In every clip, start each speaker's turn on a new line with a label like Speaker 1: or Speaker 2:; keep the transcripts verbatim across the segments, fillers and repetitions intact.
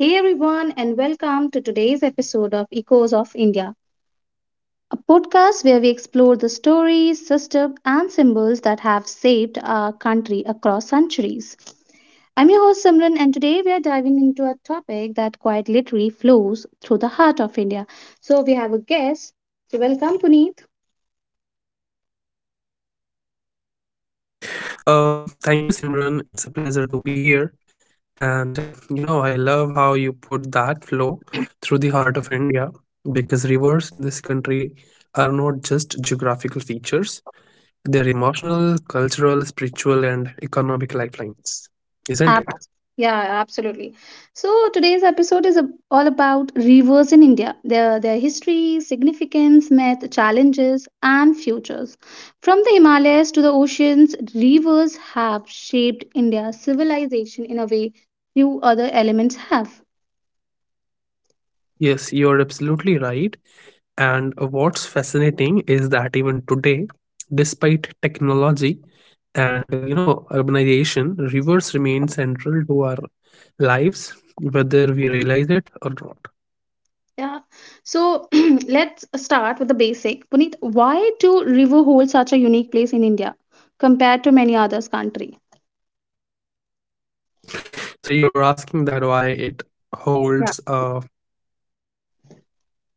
Speaker 1: Hey everyone, and welcome to today's episode of Echoes of India, a podcast where we explore the stories, systems, and symbols that have shaped our country across centuries. I'm your host Simran, and today we are diving into a topic that quite literally flows through the heart of India. So we have a guest. So welcome, Puneet.
Speaker 2: Uh, Thank you, Simran. It's a pleasure to be here. And you know, I love how you put that flow through the heart of India because rivers in this country are not just geographical features, they're emotional, cultural, spiritual, and economic lifelines, isn't
Speaker 1: Ab-
Speaker 2: it?
Speaker 1: yeah, absolutely. So today's episode is ab- all about rivers in India, their their history, significance, myth, challenges, and futures. From the Himalayas to the oceans, rivers have shaped India's civilization in a way few other elements have.
Speaker 2: Yes, you're absolutely right. And what's fascinating is that even today, despite technology and uh, you know urbanization, rivers remain central to our lives, whether we realize it or not.
Speaker 1: Yeah. So let's start with the basic. Puneet, why do river hold such a unique place in India compared to many others country?
Speaker 2: So you're asking that why it
Speaker 1: Yeah.
Speaker 2: holds. Uh,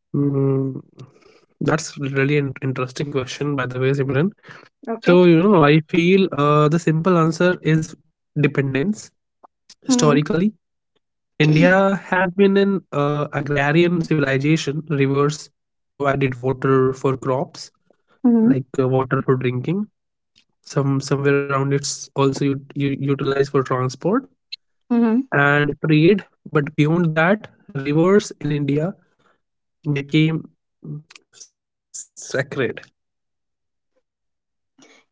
Speaker 2: mm, that's really an interesting question, by the way, Simran.
Speaker 1: Okay.
Speaker 2: So you know, I feel uh, the simple answer is dependence.
Speaker 1: Mm-hmm.
Speaker 2: Historically, India has been an uh, agrarian civilization. Rivers provided water for crops,
Speaker 1: Mm-hmm.
Speaker 2: like uh, water for drinking. Some somewhere around it's also you you utilized for transport and trade. But beyond that, rivers in India became mm, sacred.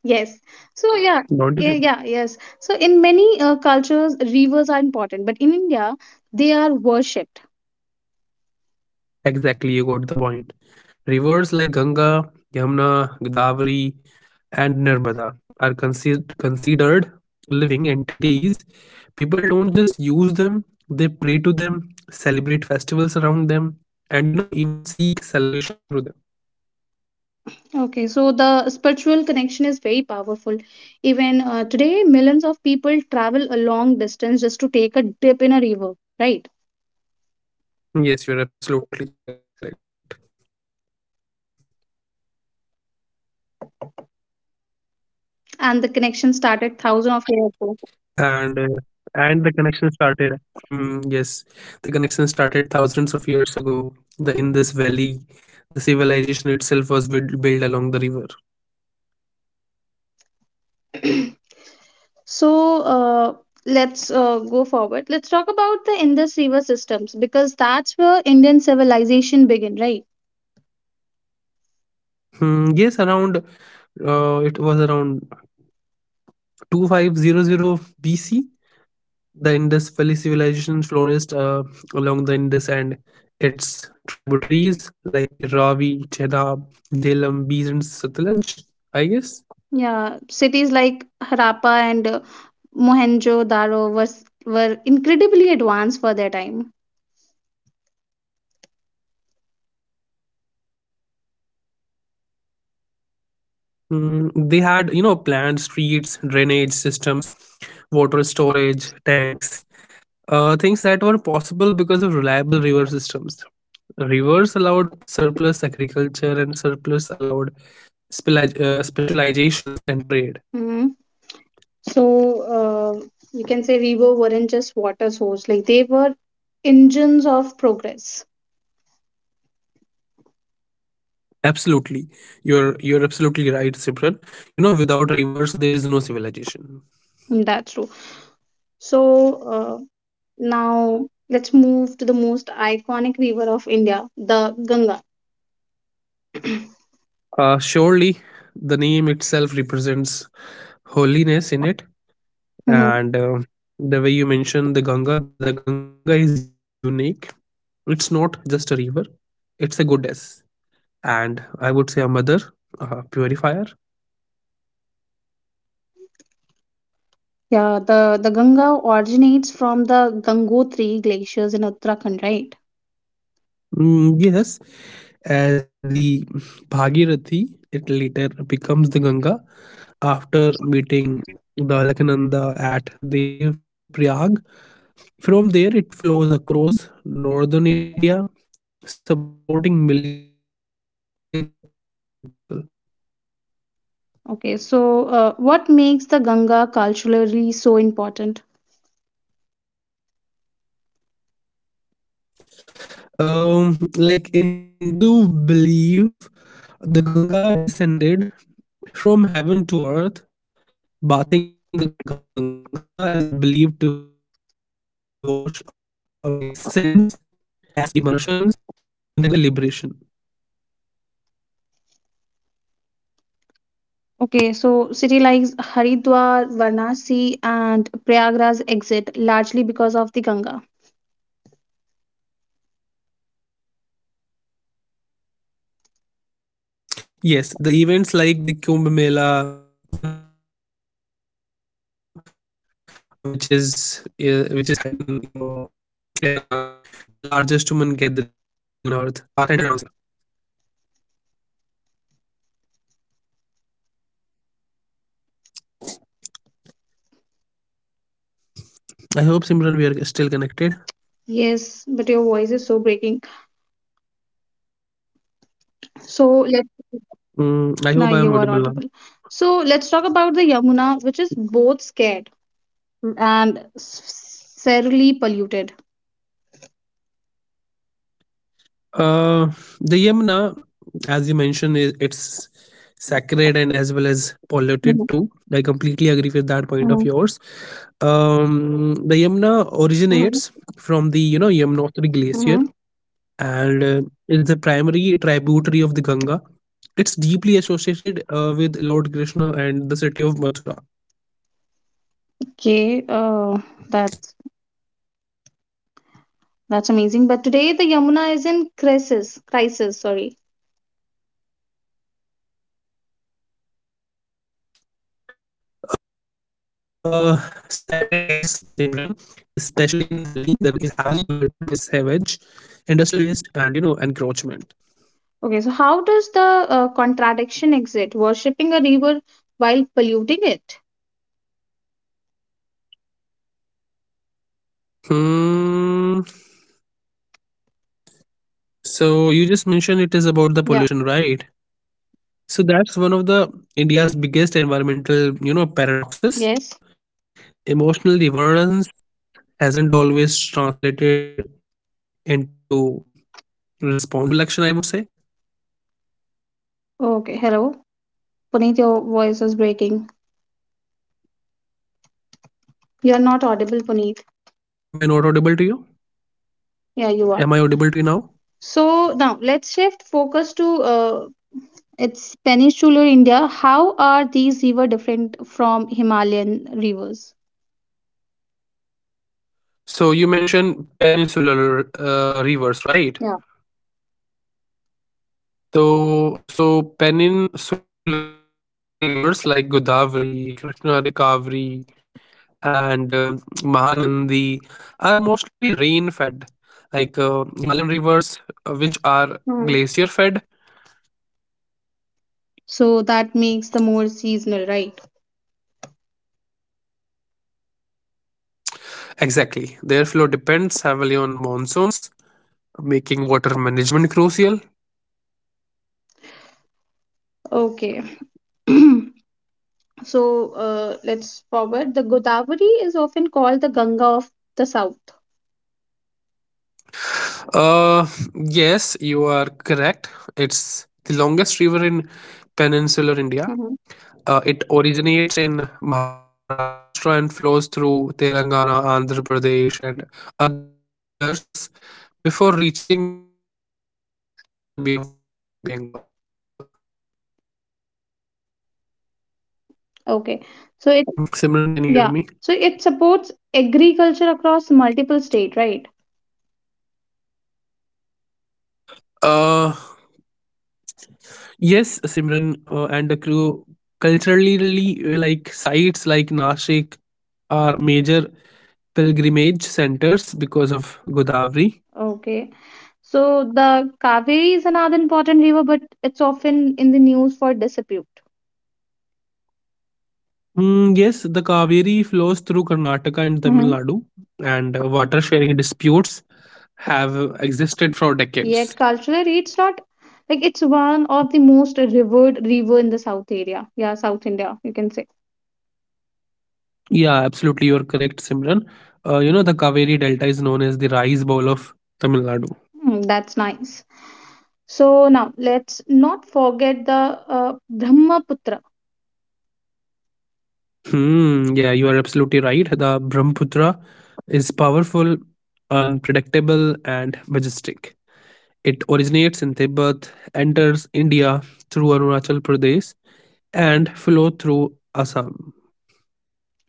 Speaker 1: Yes.
Speaker 2: Don't
Speaker 1: So
Speaker 2: you think?
Speaker 1: yeah, yeah, yeah, yes. So in many uh, cultures, rivers are important, but in India, they are worshipped.
Speaker 2: Exactly, you got the point. Rivers like Ganga, Yamuna, Godavari, and Narmada are considered considered living entities. People don't just use them; they pray to them, celebrate festivals around them, and you know even seek salvation through them.
Speaker 1: Okay, so the spiritual connection is very powerful. Even uh, today, millions of people travel a long distance just to take a dip in a river, right?
Speaker 2: Yes, you're absolutely correct.
Speaker 1: And the connection
Speaker 2: And uh,
Speaker 1: started thousands of
Speaker 2: and the
Speaker 1: years
Speaker 2: connection started. Hmm, yes, the connection started thousands of years ago. The in this valley, the civilization itself was built built along the river.
Speaker 1: ago. so uh, let's uh, go forward. Let's talk about the Indus River systems because that's where Indian civilization began, right?
Speaker 2: Hmm, yes, around uh, it was around twenty-five hundred B C. The Indus Valley civilization flourished uh, along the Indus and its tributaries like Ravi, Chenab, Jhelum, Bees, and Satluj. I guess
Speaker 1: Yeah, cities like Harappa and uh, Mohenjo-daro was were incredibly advanced for their time.
Speaker 2: Hmm, they had you know planned streets, drainage systems, water storage tanks, uh, things that were possible because of reliable river systems. Rivers allowed surplus agriculture, and surplus allowed speli- uh, specializations and trade.
Speaker 1: Hmm. So uh, you can say river weren't just water source; like they were engines of progress.
Speaker 2: Absolutely, you're you're absolutely right, Sibran. you know without rivers there is no civilization.
Speaker 1: Mm, that's true. So uh, now let's move to the most iconic river of India, the Ganga.
Speaker 2: Uh, surely the name itself represents holiness in it,
Speaker 1: Hmm.
Speaker 2: and uh, the way you mentioned the Ganga, the Ganga is unique. It's not just a river, it's a goddess, and I would say a mother, a purifier.
Speaker 1: Yeah, the the Ganga originates from the Gangotri glaciers in Uttarakhand, right?
Speaker 2: Mm, yes, as the Bhagirathi, it later becomes the Ganga after meeting the Alakananda at Dev Prayag. From there, it flows across northern India, supporting millions of people.
Speaker 1: Okay, so uh, what makes the Ganga culturally so important?
Speaker 2: Um, like in Hindu belief, the Ganga descended from heaven to earth. Bathing in the Ganga is believed to wash away sins as immersions in the Ganga is believed to grant moksha, or I would say liberation.
Speaker 1: Okay, so city like Haridwar, Varanasi, and Prayagraj exist largely because of the Ganga.
Speaker 2: Yes, the events like the Kumbh Mela, you know, which is uh, which is held in your Prayagraj, the largest human gathering on earth, are centered around this river. I hope Simran we are still connected.
Speaker 1: Yes, but your voice is so breaking. So let's.
Speaker 2: Mm, I hope I am audible now.
Speaker 1: Now you are audible. So let's talk about the Yamuna, which is both scared and s- severely polluted.
Speaker 2: Uh, the Yamuna, as you mentioned, i- it's sacred and as well as polluted too.
Speaker 1: Mhm,
Speaker 2: I completely agree with that point of
Speaker 1: mhm,
Speaker 2: yours. Um, the Yamuna originates
Speaker 1: mhm,
Speaker 2: from the you know Yamunotri glacier,
Speaker 1: mhm.
Speaker 2: and uh, is the primary tributary of the Ganga. It's deeply associated uh, with Lord Krishna and the city of Mathura.
Speaker 1: Okay, uh, that's that's amazing. But today the Yamuna is in crisis. Crisis, sorry.
Speaker 2: Uh, Sadly, yes, Simran. Especially in Delhi, the river is heavily polluted by sewage, industrial waste, and you know encroachment.
Speaker 1: Okay, so how does the uh, contradiction exist? Worshipping a river while polluting it?
Speaker 2: Hmm. So you just mentioned it is about the pollution,
Speaker 1: Yeah.
Speaker 2: right? So that's one of the India's biggest environmental, you know, paradoxes.
Speaker 1: Yes.
Speaker 2: Emotional divergence hasn't always translated into responsible action, I would say.
Speaker 1: Okay, hello. Puneet, your voice is breaking.
Speaker 2: Am I not
Speaker 1: You're not
Speaker 2: audible to you?
Speaker 1: audible, Puneet.
Speaker 2: Am I audible to you now?
Speaker 1: Yeah, you are. So now let's shift focus to uh, it's peninsular India. How are these river different from Himalayan rivers?
Speaker 2: So you mentioned peninsular uh, rivers, right?
Speaker 1: Yeah.
Speaker 2: So so peninsular rivers like Godavari, Krishna Rikavari, and uh, Mahanandi are mostly rain fed. Like uh, Himalayan rivers, uh, which are glacier fed.
Speaker 1: Mhm. So that makes the more seasonal, right?
Speaker 2: Exactly, their flow depends heavily on monsoons, making water management crucial.
Speaker 1: Okay. So uh, let's forward. The Godavari is often called the Ganga of the South.
Speaker 2: Uh, yes, you are correct. It's the longest river in peninsular India.
Speaker 1: Mhm.
Speaker 2: Uh, it originates in Maharashtra and flows through Telangana, Andhra Pradesh, and others before reaching the Bay of Bengal. Mm, Simran, can you hear me?
Speaker 1: Okay. So it, yeah. So it supports agriculture across multiple state, right?
Speaker 2: Uh, yes, Simran, uh, and the crew. Culturally, uh, like sites like Nashik are major pilgrimage centers because of Godavari.
Speaker 1: Okay. So the Kaveri is another important river, but it's often in the news for dispute.
Speaker 2: Mm, yes, the Kaveri flows through Karnataka and Tamil Nadu,
Speaker 1: Mhm.
Speaker 2: and uh, water sharing disputes have uh, existed for decades.
Speaker 1: Yet culturally, it's not like it's one of the most revered river in the South area. Yeah, South India, you can say.
Speaker 2: Yeah, absolutely, you are correct, Simran. Uh, you know, the Kaveri Delta is known as the rice bowl of Tamil Nadu.
Speaker 1: Hmm, that's nice. So now let's not forget the uh, Brahmaputra.
Speaker 2: Hmm, yeah, you are absolutely right. The Brahmaputra is powerful, unpredictable, and majestic. It originates in Tibet, enters India through Arunachal Pradesh, and flows through Assam.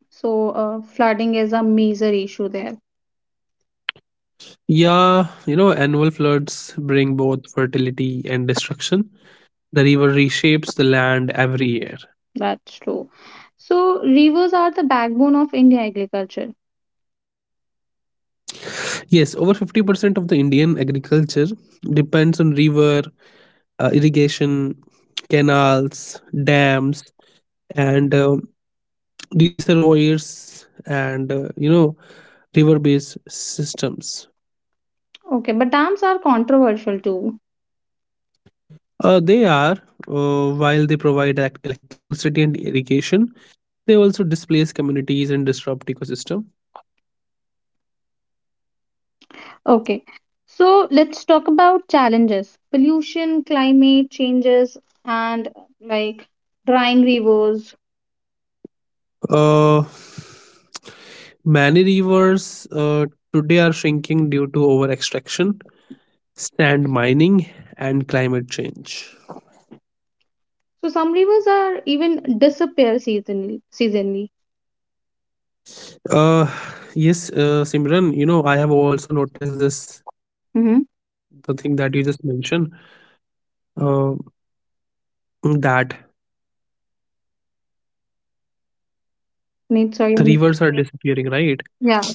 Speaker 1: So uh, flooding is a major issue there.
Speaker 2: Yeah, you know, annual floods bring both fertility and destruction. The river reshapes the land every year.
Speaker 1: That's true. So rivers are the backbone of India agriculture.
Speaker 2: Yes, over fifty percent of the Indian agriculture depends on river, uh, irrigation, canals, dams, and uh, reservoirs, and, uh, you know, river based systems.
Speaker 1: Okay, but dams are controversial too.
Speaker 2: Uh, they are, uh, while they provide elec- electricity and irrigation, they also displace communities and disrupt ecosystem.
Speaker 1: Okay. So let's talk about challenges. Pollution, climate changes, and like drying rivers.
Speaker 2: Uh, Many rivers uh, today are shrinking due to over extraction, sand mining, and climate change.
Speaker 1: So some rivers are even disappear seasonally seasonally.
Speaker 2: Uh, yes, uh, Simran, you know, I have also noticed this, the thing that you just mentioned, uh, that
Speaker 1: Mm-hmm. Sorry.
Speaker 2: the rivers are disappearing, right?
Speaker 1: Yeah.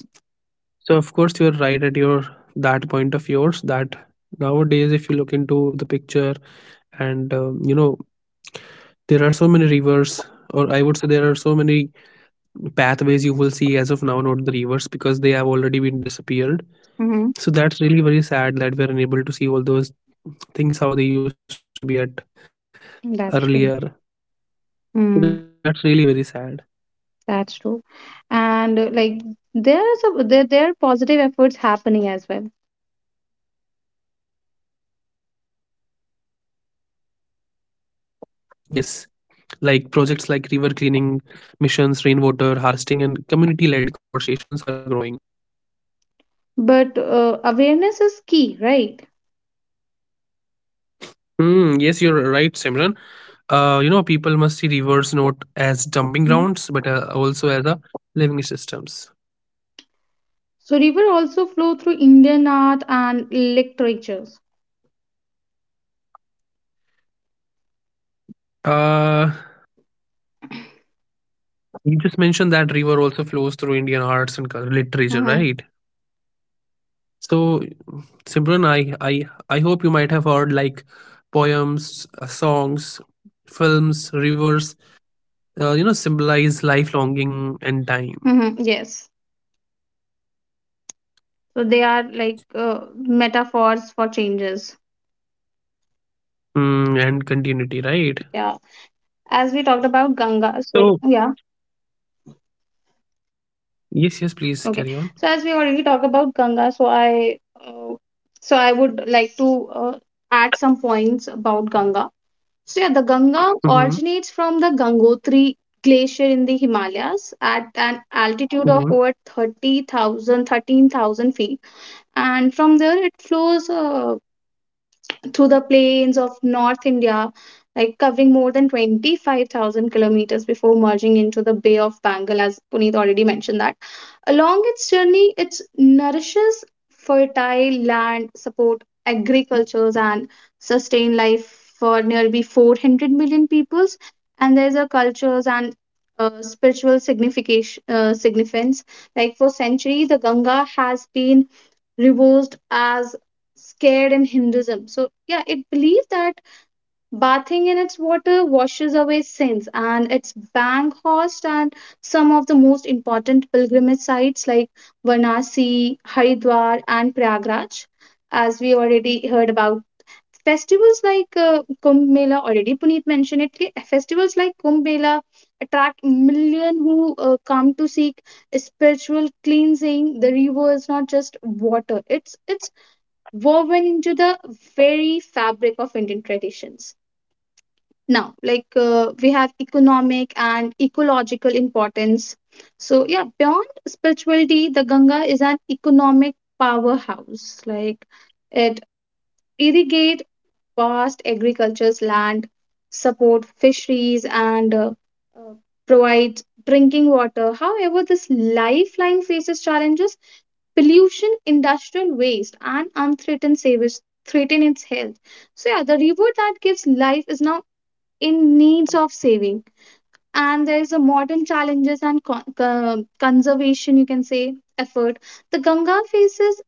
Speaker 2: So, of course, you're right at your that point of yours that nowadays, if you look into the picture, and um, you know, there are so many rivers, or I would say there are so many pathways you will see as of now, not the rivers, because they have already been disappeared,
Speaker 1: Mm-hmm.
Speaker 2: so that's really very sad that we're unable to see all those things how they used to be at
Speaker 1: That's
Speaker 2: earlier.
Speaker 1: true.
Speaker 2: So that's really very
Speaker 1: Mm,
Speaker 2: sad.
Speaker 1: that's true. And uh, like there is a there there are positive efforts happening as well.
Speaker 2: Yes, like projects like river cleaning missions, rainwater harvesting, and community-led conversations are growing.
Speaker 1: But uh, awareness is key, right?
Speaker 2: Hmm. Yes, you're right, Simran. Uh, you know people must see rivers not as dumping
Speaker 1: Mm.
Speaker 2: grounds, but uh, also as a living systems.
Speaker 1: So river also flow through Indian art and literatures.
Speaker 2: uh You just mentioned that river also flows through Indian arts and cul- literature,
Speaker 1: Mm-hmm.
Speaker 2: right? So, Simran, I, I, I hope you might have heard like poems, uh, songs, films, rivers, uh, you know, symbolize life longing and time,
Speaker 1: Mm-hmm. Yes. So they are like uh, metaphors for changes.
Speaker 2: mm, and continuity, right?
Speaker 1: Yeah. As we talked about Ganga. So
Speaker 2: So,
Speaker 1: yeah.
Speaker 2: yes, yes, please carry on.
Speaker 1: Okay, so as we already talked about Ganga, so I uh, so I would like to uh, add some points about Ganga. So yeah, the Ganga
Speaker 2: Hmm.
Speaker 1: originates from the Gangotri glacier in the Himalayas at an altitude of over
Speaker 2: Hmm.
Speaker 1: thirty thousand, thirteen thousand feet, and from there it flows uh, through the plains of North India, like covering more than twenty-five thousand kilometers before merging into the Bay of Bengal, as Puneet already mentioned that. Along its journey, it nourishes fertile land, support agricultures, and sustain life for nearly four hundred million peoples. And there's a cultures and uh, spiritual signification, uh, significance. Like for centuries, the Ganga has been reversed as scared in Hinduism. So, yeah, it believes that bathing in its water washes away sins, and it's bang host and some of the most important pilgrimage sites like Varanasi, Haridwar, and Prayagraj, as we already heard about. Festivals like uh, Kumbh Mela, already Puneet mentioned it, कि festivals like Kumbh Mela attract million who uh, come to seek spiritual cleansing. The river is not just water, it's, it's woven into the very fabric of Indian traditions. Now, like uh, we have economic and ecological importance. So, yeah, beyond spirituality, the Ganga is an economic powerhouse. Like it irrigates vast agriculture's land, support fisheries, and uh, uh, provide drinking water. However, this lifeline faces challenges, pollution, industrial waste, and unthreatened savage threaten its health. So yeah, the river that gives life is now in needs of saving. And there is a modern challenges and con- con- conservation, you can say, effort. The Ganga faces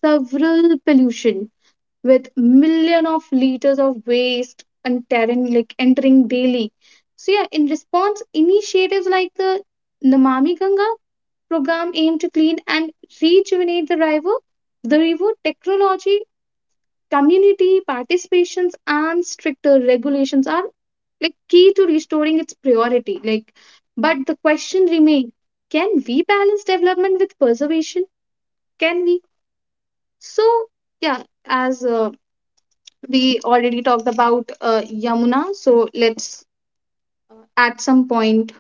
Speaker 1: several pollution with million of liters of waste entering like entering daily. So yeah, in response, initiatives like the Namami Ganga program aim to clean and rejuvenate the river, the river technology, community participations, and stricter regulations are like key to restoring its priority. Like, but the question remains: can we balance development with preservation? Can we? So yeah, as uh, we already talked about uh, Yamuna, so let's uh, at some point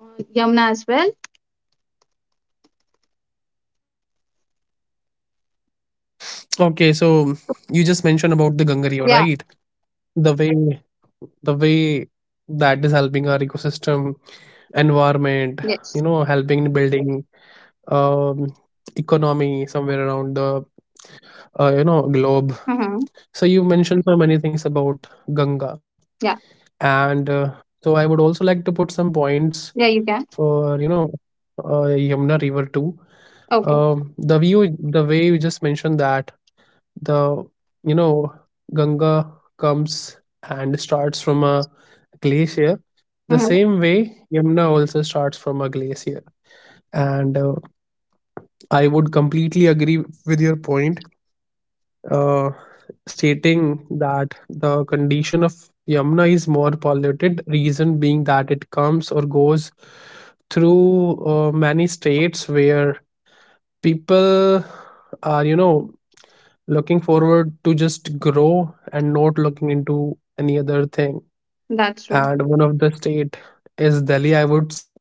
Speaker 1: on Yamuna as well.
Speaker 2: Okay, so you just mentioned about the Ganga River,
Speaker 1: Yeah.
Speaker 2: right? The way the way that is helping our ecosystem environment,
Speaker 1: Yes.
Speaker 2: you know, helping in building um, economy somewhere around the uh, you know globe.
Speaker 1: Mm-hmm.
Speaker 2: So you mentioned so many things about Ganga,
Speaker 1: Yeah.
Speaker 2: and uh, so I would also like to put some
Speaker 1: Yeah,
Speaker 2: points
Speaker 1: you can.
Speaker 2: for you know uh, Yamuna River too.
Speaker 1: Okay.
Speaker 2: Um, the view, the way you just mentioned that the you know Ganga comes and starts from a glacier.
Speaker 1: Hmm.
Speaker 2: The same way Yamuna also starts from a glacier, and uh, I would completely agree with your point, uh, stating that the condition of Yamuna is more polluted, reason being that it comes or goes through uh, many states where people are, you know, looking forward to just grow and not looking into any other thing.
Speaker 1: That's true.
Speaker 2: And one of the state is Delhi, I would say,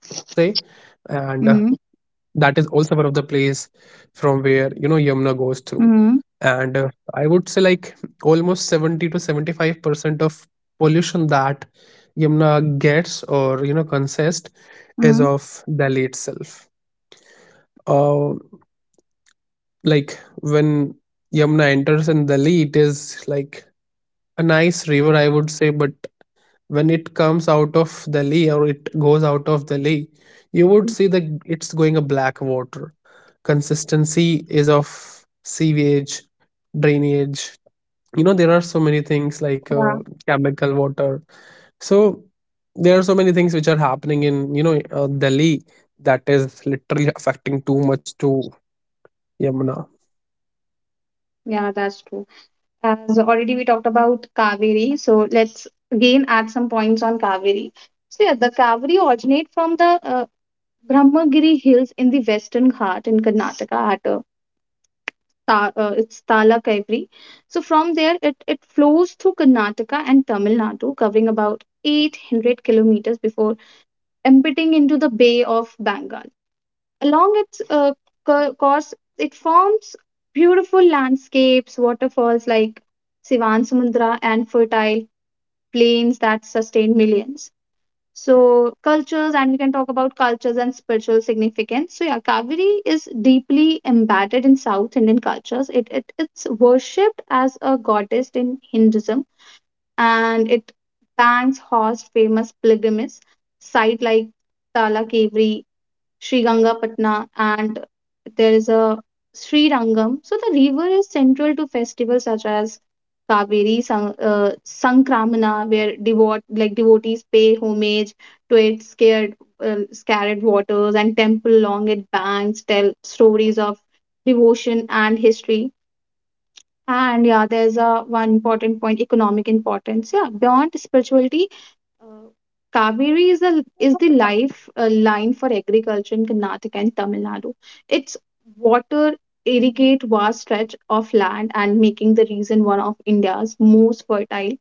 Speaker 2: and uh, that
Speaker 1: Mm-hmm.
Speaker 2: is also one of the place from where, you know, Yamuna goes through,
Speaker 1: Mm-hmm.
Speaker 2: and uh, I would say like almost seventy to seventy-five percent of pollution that yamuna gets or you know consists is
Speaker 1: Mm-hmm.
Speaker 2: of Delhi itself. uh, like when Yamuna enters in Delhi, it is like a nice river I would say, but when it comes out of Delhi, or it goes out of Delhi, you would see that it's going a black water, consistency is of sewage, drainage, you know there are so many things like
Speaker 1: Yeah.
Speaker 2: uh, chemical water. So there are so many things which are happening in you know uh, Delhi, that is literally affecting too much to Yamuna.
Speaker 1: Yeah, that's true. As already we talked about Kaveri, so let's again add some points on Kaveri. So yeah, the Kaveri originate from the uh, Brahmagiri hills in the Western Ghat in Karnataka at a Ta- uh, it's Tala Kaiveri. So from there, it, it flows through Karnataka and Tamil Nadu, covering about eight hundred kilometers before emptying into the Bay of Bengal. Along its uh, co- course, it forms beautiful landscapes, waterfalls like Sivan Samudra, and fertile plains that sustain millions. So, cultures, and we can talk about cultures and spiritual significance. So, yeah, Kaveri is deeply embedded in South Indian cultures. It, it It's worshipped as a goddess in Hinduism, and it banks host famous pilgrimage site like Tala Sri Gangapatna, and there is a Sri Rangam. So the river is central to festivals such as Kaveri San- uh, Sankramana, where devote like devotees pay homage to its scared, uh, scared waters, and temple along its banks tell stories of devotion and history. And yeah, there's a one important point, economic importance. Yeah, beyond spirituality, uh, Kaveri is a, is the life uh, line for agriculture in Karnataka and Tamil Nadu. Its water irrigate vast stretch of land and making the region one of India's most fertile.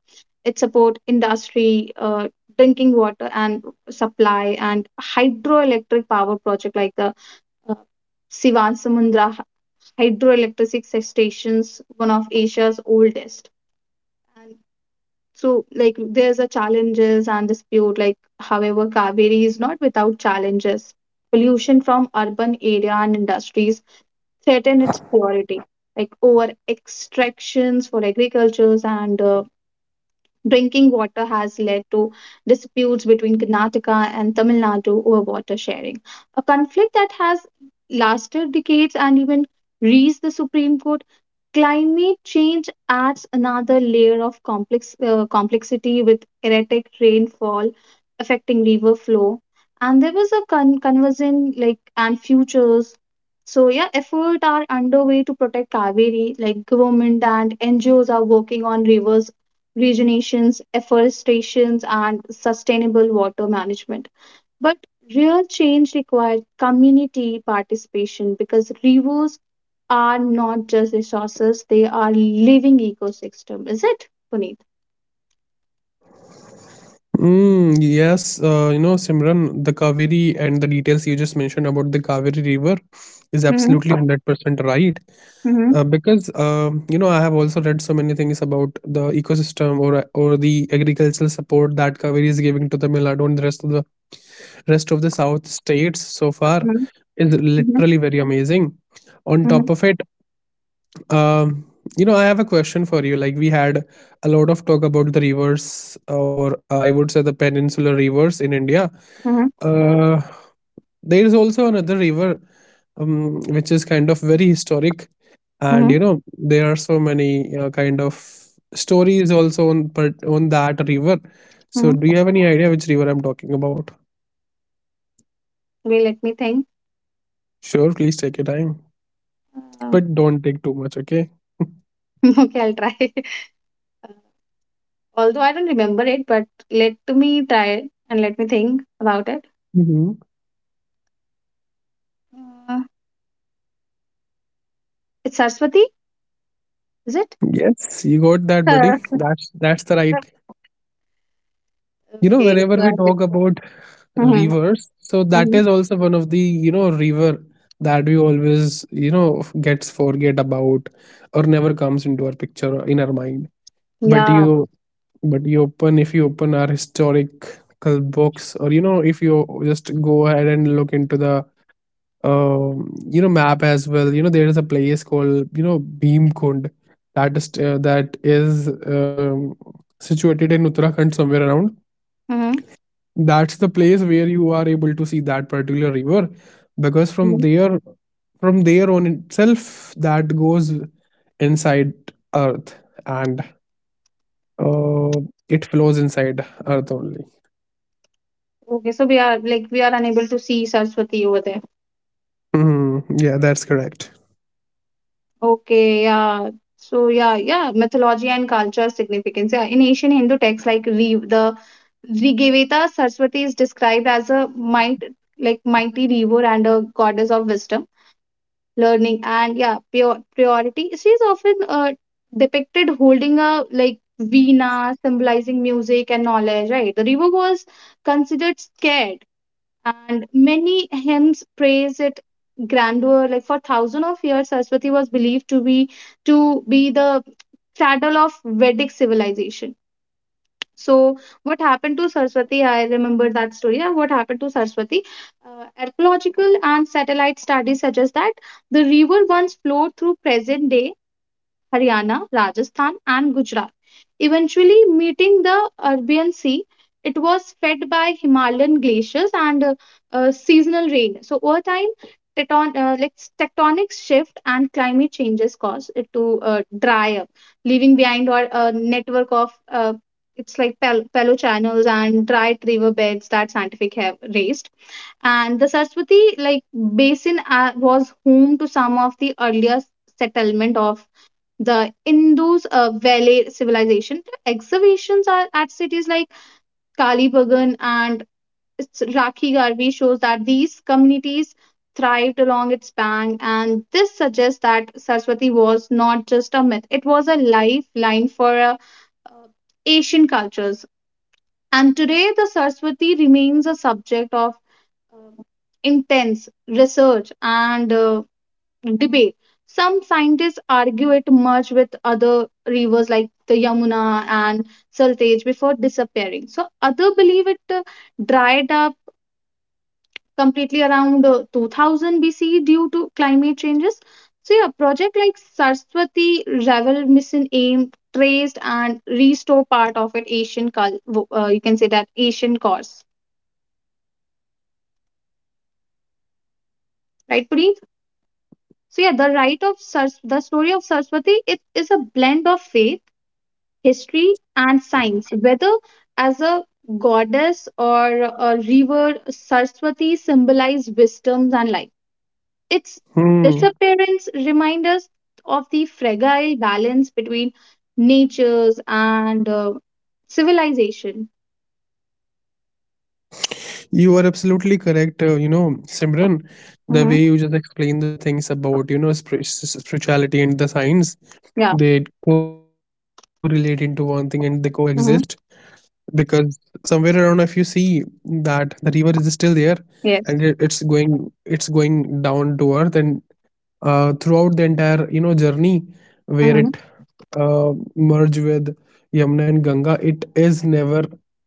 Speaker 1: It support industry, uh, drinking water and supply and hydroelectric power project like the uh, Sivan Samundra hydroelectric stations, one of Asia's oldest. So, like, there's a challenges and dispute. Like, however, Kaveri is not without challenges. Pollution from urban area and industries threaten its purity. Like, over extractions for agricultures and uh, drinking water has led to disputes between Karnataka and Tamil Nadu over water sharing. A conflict that has lasted decades and even reached the Supreme Court. Climate change adds another layer of complex, uh, complexity with erratic rainfall affecting river flow. And there was a con- conversion like and futures. So yeah, efforts are underway to protect Kaveri. Like government and N G Os are working on rivers regenerations, afforestations, and sustainable water management. But real change requires community participation because rivers are not just resources, they are living ecosystem. Is it, Puneet?
Speaker 2: Mm, yes, uh, you know, Simran, the Kaveri and the details you just mentioned about the Kaveri River is
Speaker 1: Mm-hmm.
Speaker 2: absolutely one hundred percent right.
Speaker 1: Mm-hmm.
Speaker 2: Uh, because um, you know, I have also read so many things about the ecosystem, or or the agricultural support that Kaveri is giving to the Nadu and the rest of the rest of the South states so far
Speaker 1: Mm-hmm.
Speaker 2: is
Speaker 1: Mm-hmm.
Speaker 2: literally very amazing. On
Speaker 1: Mm-hmm.
Speaker 2: top of it, um, you know, I have a question for you. Like, we had a lot of talk about the rivers, or uh, I would say the peninsular rivers in India. Uh, there is also another river, um, which is kind of very historic,
Speaker 1: Mm-hmm.
Speaker 2: and you know, there are so many uh, kind of stories also on part on that river. So, do
Speaker 1: Mm-hmm.
Speaker 2: you have any idea which river I'm talking about?
Speaker 1: Wait, let me think.
Speaker 2: Sure, please take your time,
Speaker 1: Uh,
Speaker 2: but don't take too much, okay?
Speaker 1: okay, I'll try. Uh, Although I don't remember it, but let me try it and let me think about it.
Speaker 2: Hmm.
Speaker 1: Uh, it's Saraswati, is it?
Speaker 2: Yes, you got that, buddy. That's that's the right. You know
Speaker 1: Okay,
Speaker 2: whenever
Speaker 1: so
Speaker 2: we
Speaker 1: I-
Speaker 2: talk about
Speaker 1: mhm,
Speaker 2: rivers, so that
Speaker 1: mhm,
Speaker 2: is also one of the you know river that we always you know gets forget about, or never comes into our picture or in our mind, but
Speaker 1: yeah.
Speaker 2: you but you open if you open our historical books, or you know if you just go ahead and look into the um, you know map, as well you know there is a place called you know Bhimkund, that is uh, that is um, situated in Uttarakhand somewhere around.
Speaker 1: Mhm.
Speaker 2: That's the place where you are able to see that particular river, because from there from there on itself that goes inside earth, and uh, it flows inside earth only.
Speaker 1: Okay, so we are like we are unable to see Saraswati over there.
Speaker 2: Hmm, yeah, that's correct.
Speaker 1: Okay, yeah. So yeah, yeah, mythology and cultural significance. Yeah, in ancient Hindu texts like we the Rigveda, Saraswati is described as a might like mighty river and a goddess of wisdom, learning, and yeah, pure purity. She is often uh, depicted holding a like veena, symbolizing music and knowledge. Right, the river was considered scared and many hymns praise it grandeur like for thousands of years Saraswati was believed to be to be the cradle of Vedic civilization. So what happened to Saraswati? I remember that story. Uh, what happened to Saraswati? Uh, archaeological and satellite studies suggest that the river once flowed through present day Haryana, Rajasthan, and Gujarat. Eventually meeting the Arabian Sea, it was fed by Himalayan glaciers and uh, uh, seasonal rain. So over time, tecton- uh, like tectonic shift and climate changes cause it to uh, dry up, leaving behind or a network of uh, it's like pal- paleo channels and dried riverbeds that scientific have raised and the saraswati like basin uh, was home to some of the earliest settlement of the Indus uh, Valley civilization. The excavations are at cities like Kalibagan and its Rakhi Garbi shows that these communities thrived along its bank, and this suggests that Saraswati was not just a myth; it was a lifeline for uh, uh, Asian cultures. And today, the Saraswati remains a subject of uh, intense research and uh, debate. Some scientists argue it merged with other rivers like the Yamuna and Saltaj before disappearing. So others believe it uh, dried up completely around uh, two thousand B C E due to climate changes. So yeah, project like Saraswati Ravel mission aim traced and restore part of it Asian cul- wo- uh, you can say that Asian course, right, Puneet? So yeah, the right of Sars- the story of Saraswati it is a blend of faith history and science, whether as a goddess or a river, Saraswati symbolize wisdom and life. Its
Speaker 2: Hmm.
Speaker 1: disappearance reminds us of the fragile balance between natures and uh, civilization.
Speaker 2: You are absolutely correct, uh, you know Simran. The way
Speaker 1: Hmm.
Speaker 2: you just explained the things about you know spir- s- spirituality and the science,
Speaker 1: Yeah.
Speaker 2: they correlate into one thing and they coexist,
Speaker 1: Hmm.
Speaker 2: because somewhere around if you see that the river is still there, and it, it's
Speaker 1: Yes.
Speaker 2: going it's going down to earth, and uh, throughout the entire you know journey where it
Speaker 1: Hmm.
Speaker 2: uh, merge with Yamuna and Ganga, it is never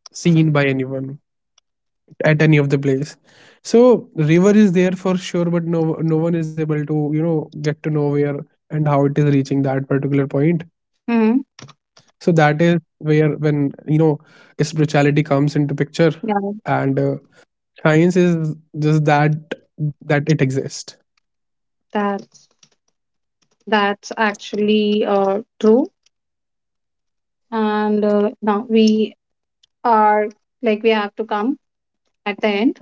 Speaker 2: seen by anyone at any of the place. So river is there for sure, but no no one is able to you know get to know where and how it is reaching that particular point. So
Speaker 1: Hmm.
Speaker 2: that is where, when you know spirituality comes into picture, and uh,
Speaker 1: Yeah.
Speaker 2: science is just that that it exists.
Speaker 1: That's that's actually uh, true. And uh, now we are like we have to come at the end.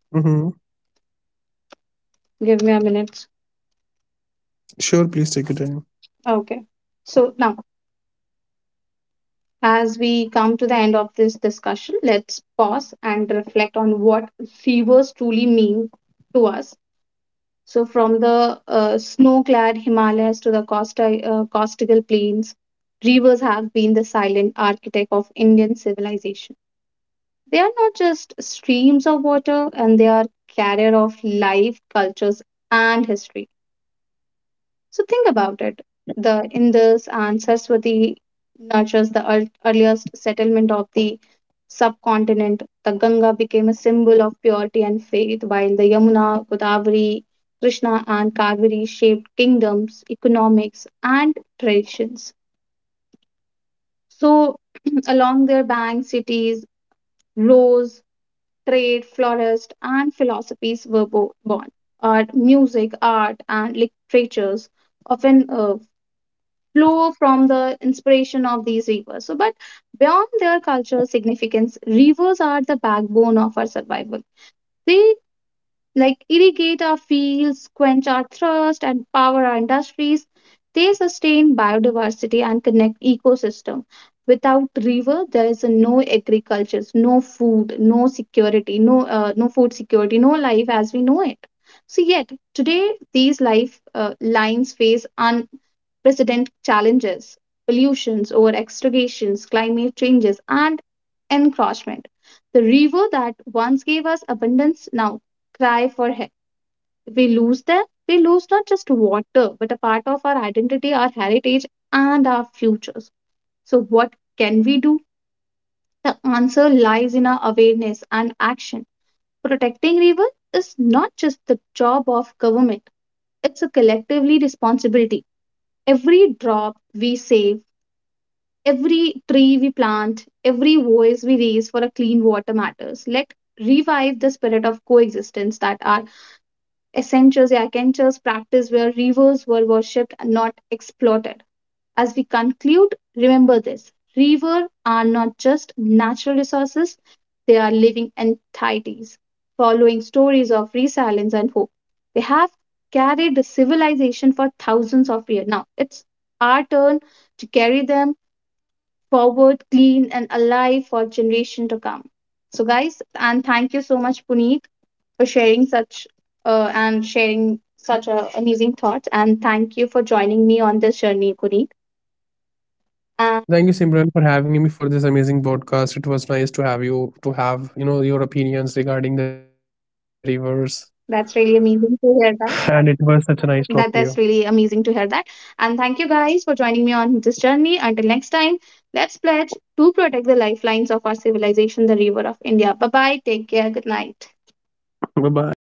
Speaker 2: Mm-hmm.
Speaker 1: Give me a minute.
Speaker 2: Sure, please take your time.
Speaker 1: Okay. So now, as we come to the end of this discussion, let's pause and reflect on what rivers truly mean to us. So, from the uh, snow-clad Himalayas to the Costa, uh, Costigal Plains, rivers have been the silent architect of Indian civilization. They are not just streams of water, and they are carrier of life, cultures, and history. So think about it. The Indus and Saraswati nurtures the ear- earliest settlement of the subcontinent. The Ganga became a symbol of purity and faith, while the Yamuna, Godavari, Krishna, and Kaveri shaped kingdoms, economics, and traditions. So, along their banks, cities rose, trade, flourished, and philosophies were bo- born. Art, music, art, and literatures often uh, flow from the inspiration of these rivers. So, but beyond their cultural significance, rivers are the backbone of our survival. They like irrigate our fields, quench our thirst, and power our industries. They sustain biodiversity and connect ecosystem. Without river, there is no agriculture, no food, no security, no uh, no food security, no life as we know it. So yet today, these life uh, lines face unprecedented challenges: pollutions, over extractions, climate changes, and encroachment. The river that once gave us abundance now cry for help. We lose that. We lose not just water, but a part of our identity, our heritage, and our futures. So, what can we do? The answer lies in our awareness and action. Protecting river is not just the job of government, it's a collectively responsibility. Every drop we save, every tree we plant, every voice we raise for a clean water matters. Let revive the spirit of coexistence that our Essentials, the Akhenchers practice where rivers were worshipped and not exploited. As we conclude, remember this rivers are not just natural resources, they are living entities, following stories of resilience and hope. They have carried the civilization for thousands of years. Now it's our turn to carry them forward, clean and alive for generation to come. So, guys, and thank you so much, Puneet, for sharing such uh, and sharing such a amazing thoughts. And thank you for joining me on this journey, Kuneet.
Speaker 2: Thank you,
Speaker 1: And
Speaker 2: Simran, for having me for this amazing podcast. It was nice to have you to have you know your opinions regarding the rivers,
Speaker 1: that's really
Speaker 2: and it
Speaker 1: amazing
Speaker 2: was
Speaker 1: to hear
Speaker 2: such a
Speaker 1: that.
Speaker 2: nice talk to you.
Speaker 1: That that's really amazing to hear that. And thank you guys for joining me on this journey. Until next time, let's pledge to protect the lifelines of our civilization, the river of India. Bye bye. Take care. Good night.
Speaker 2: Bye bye.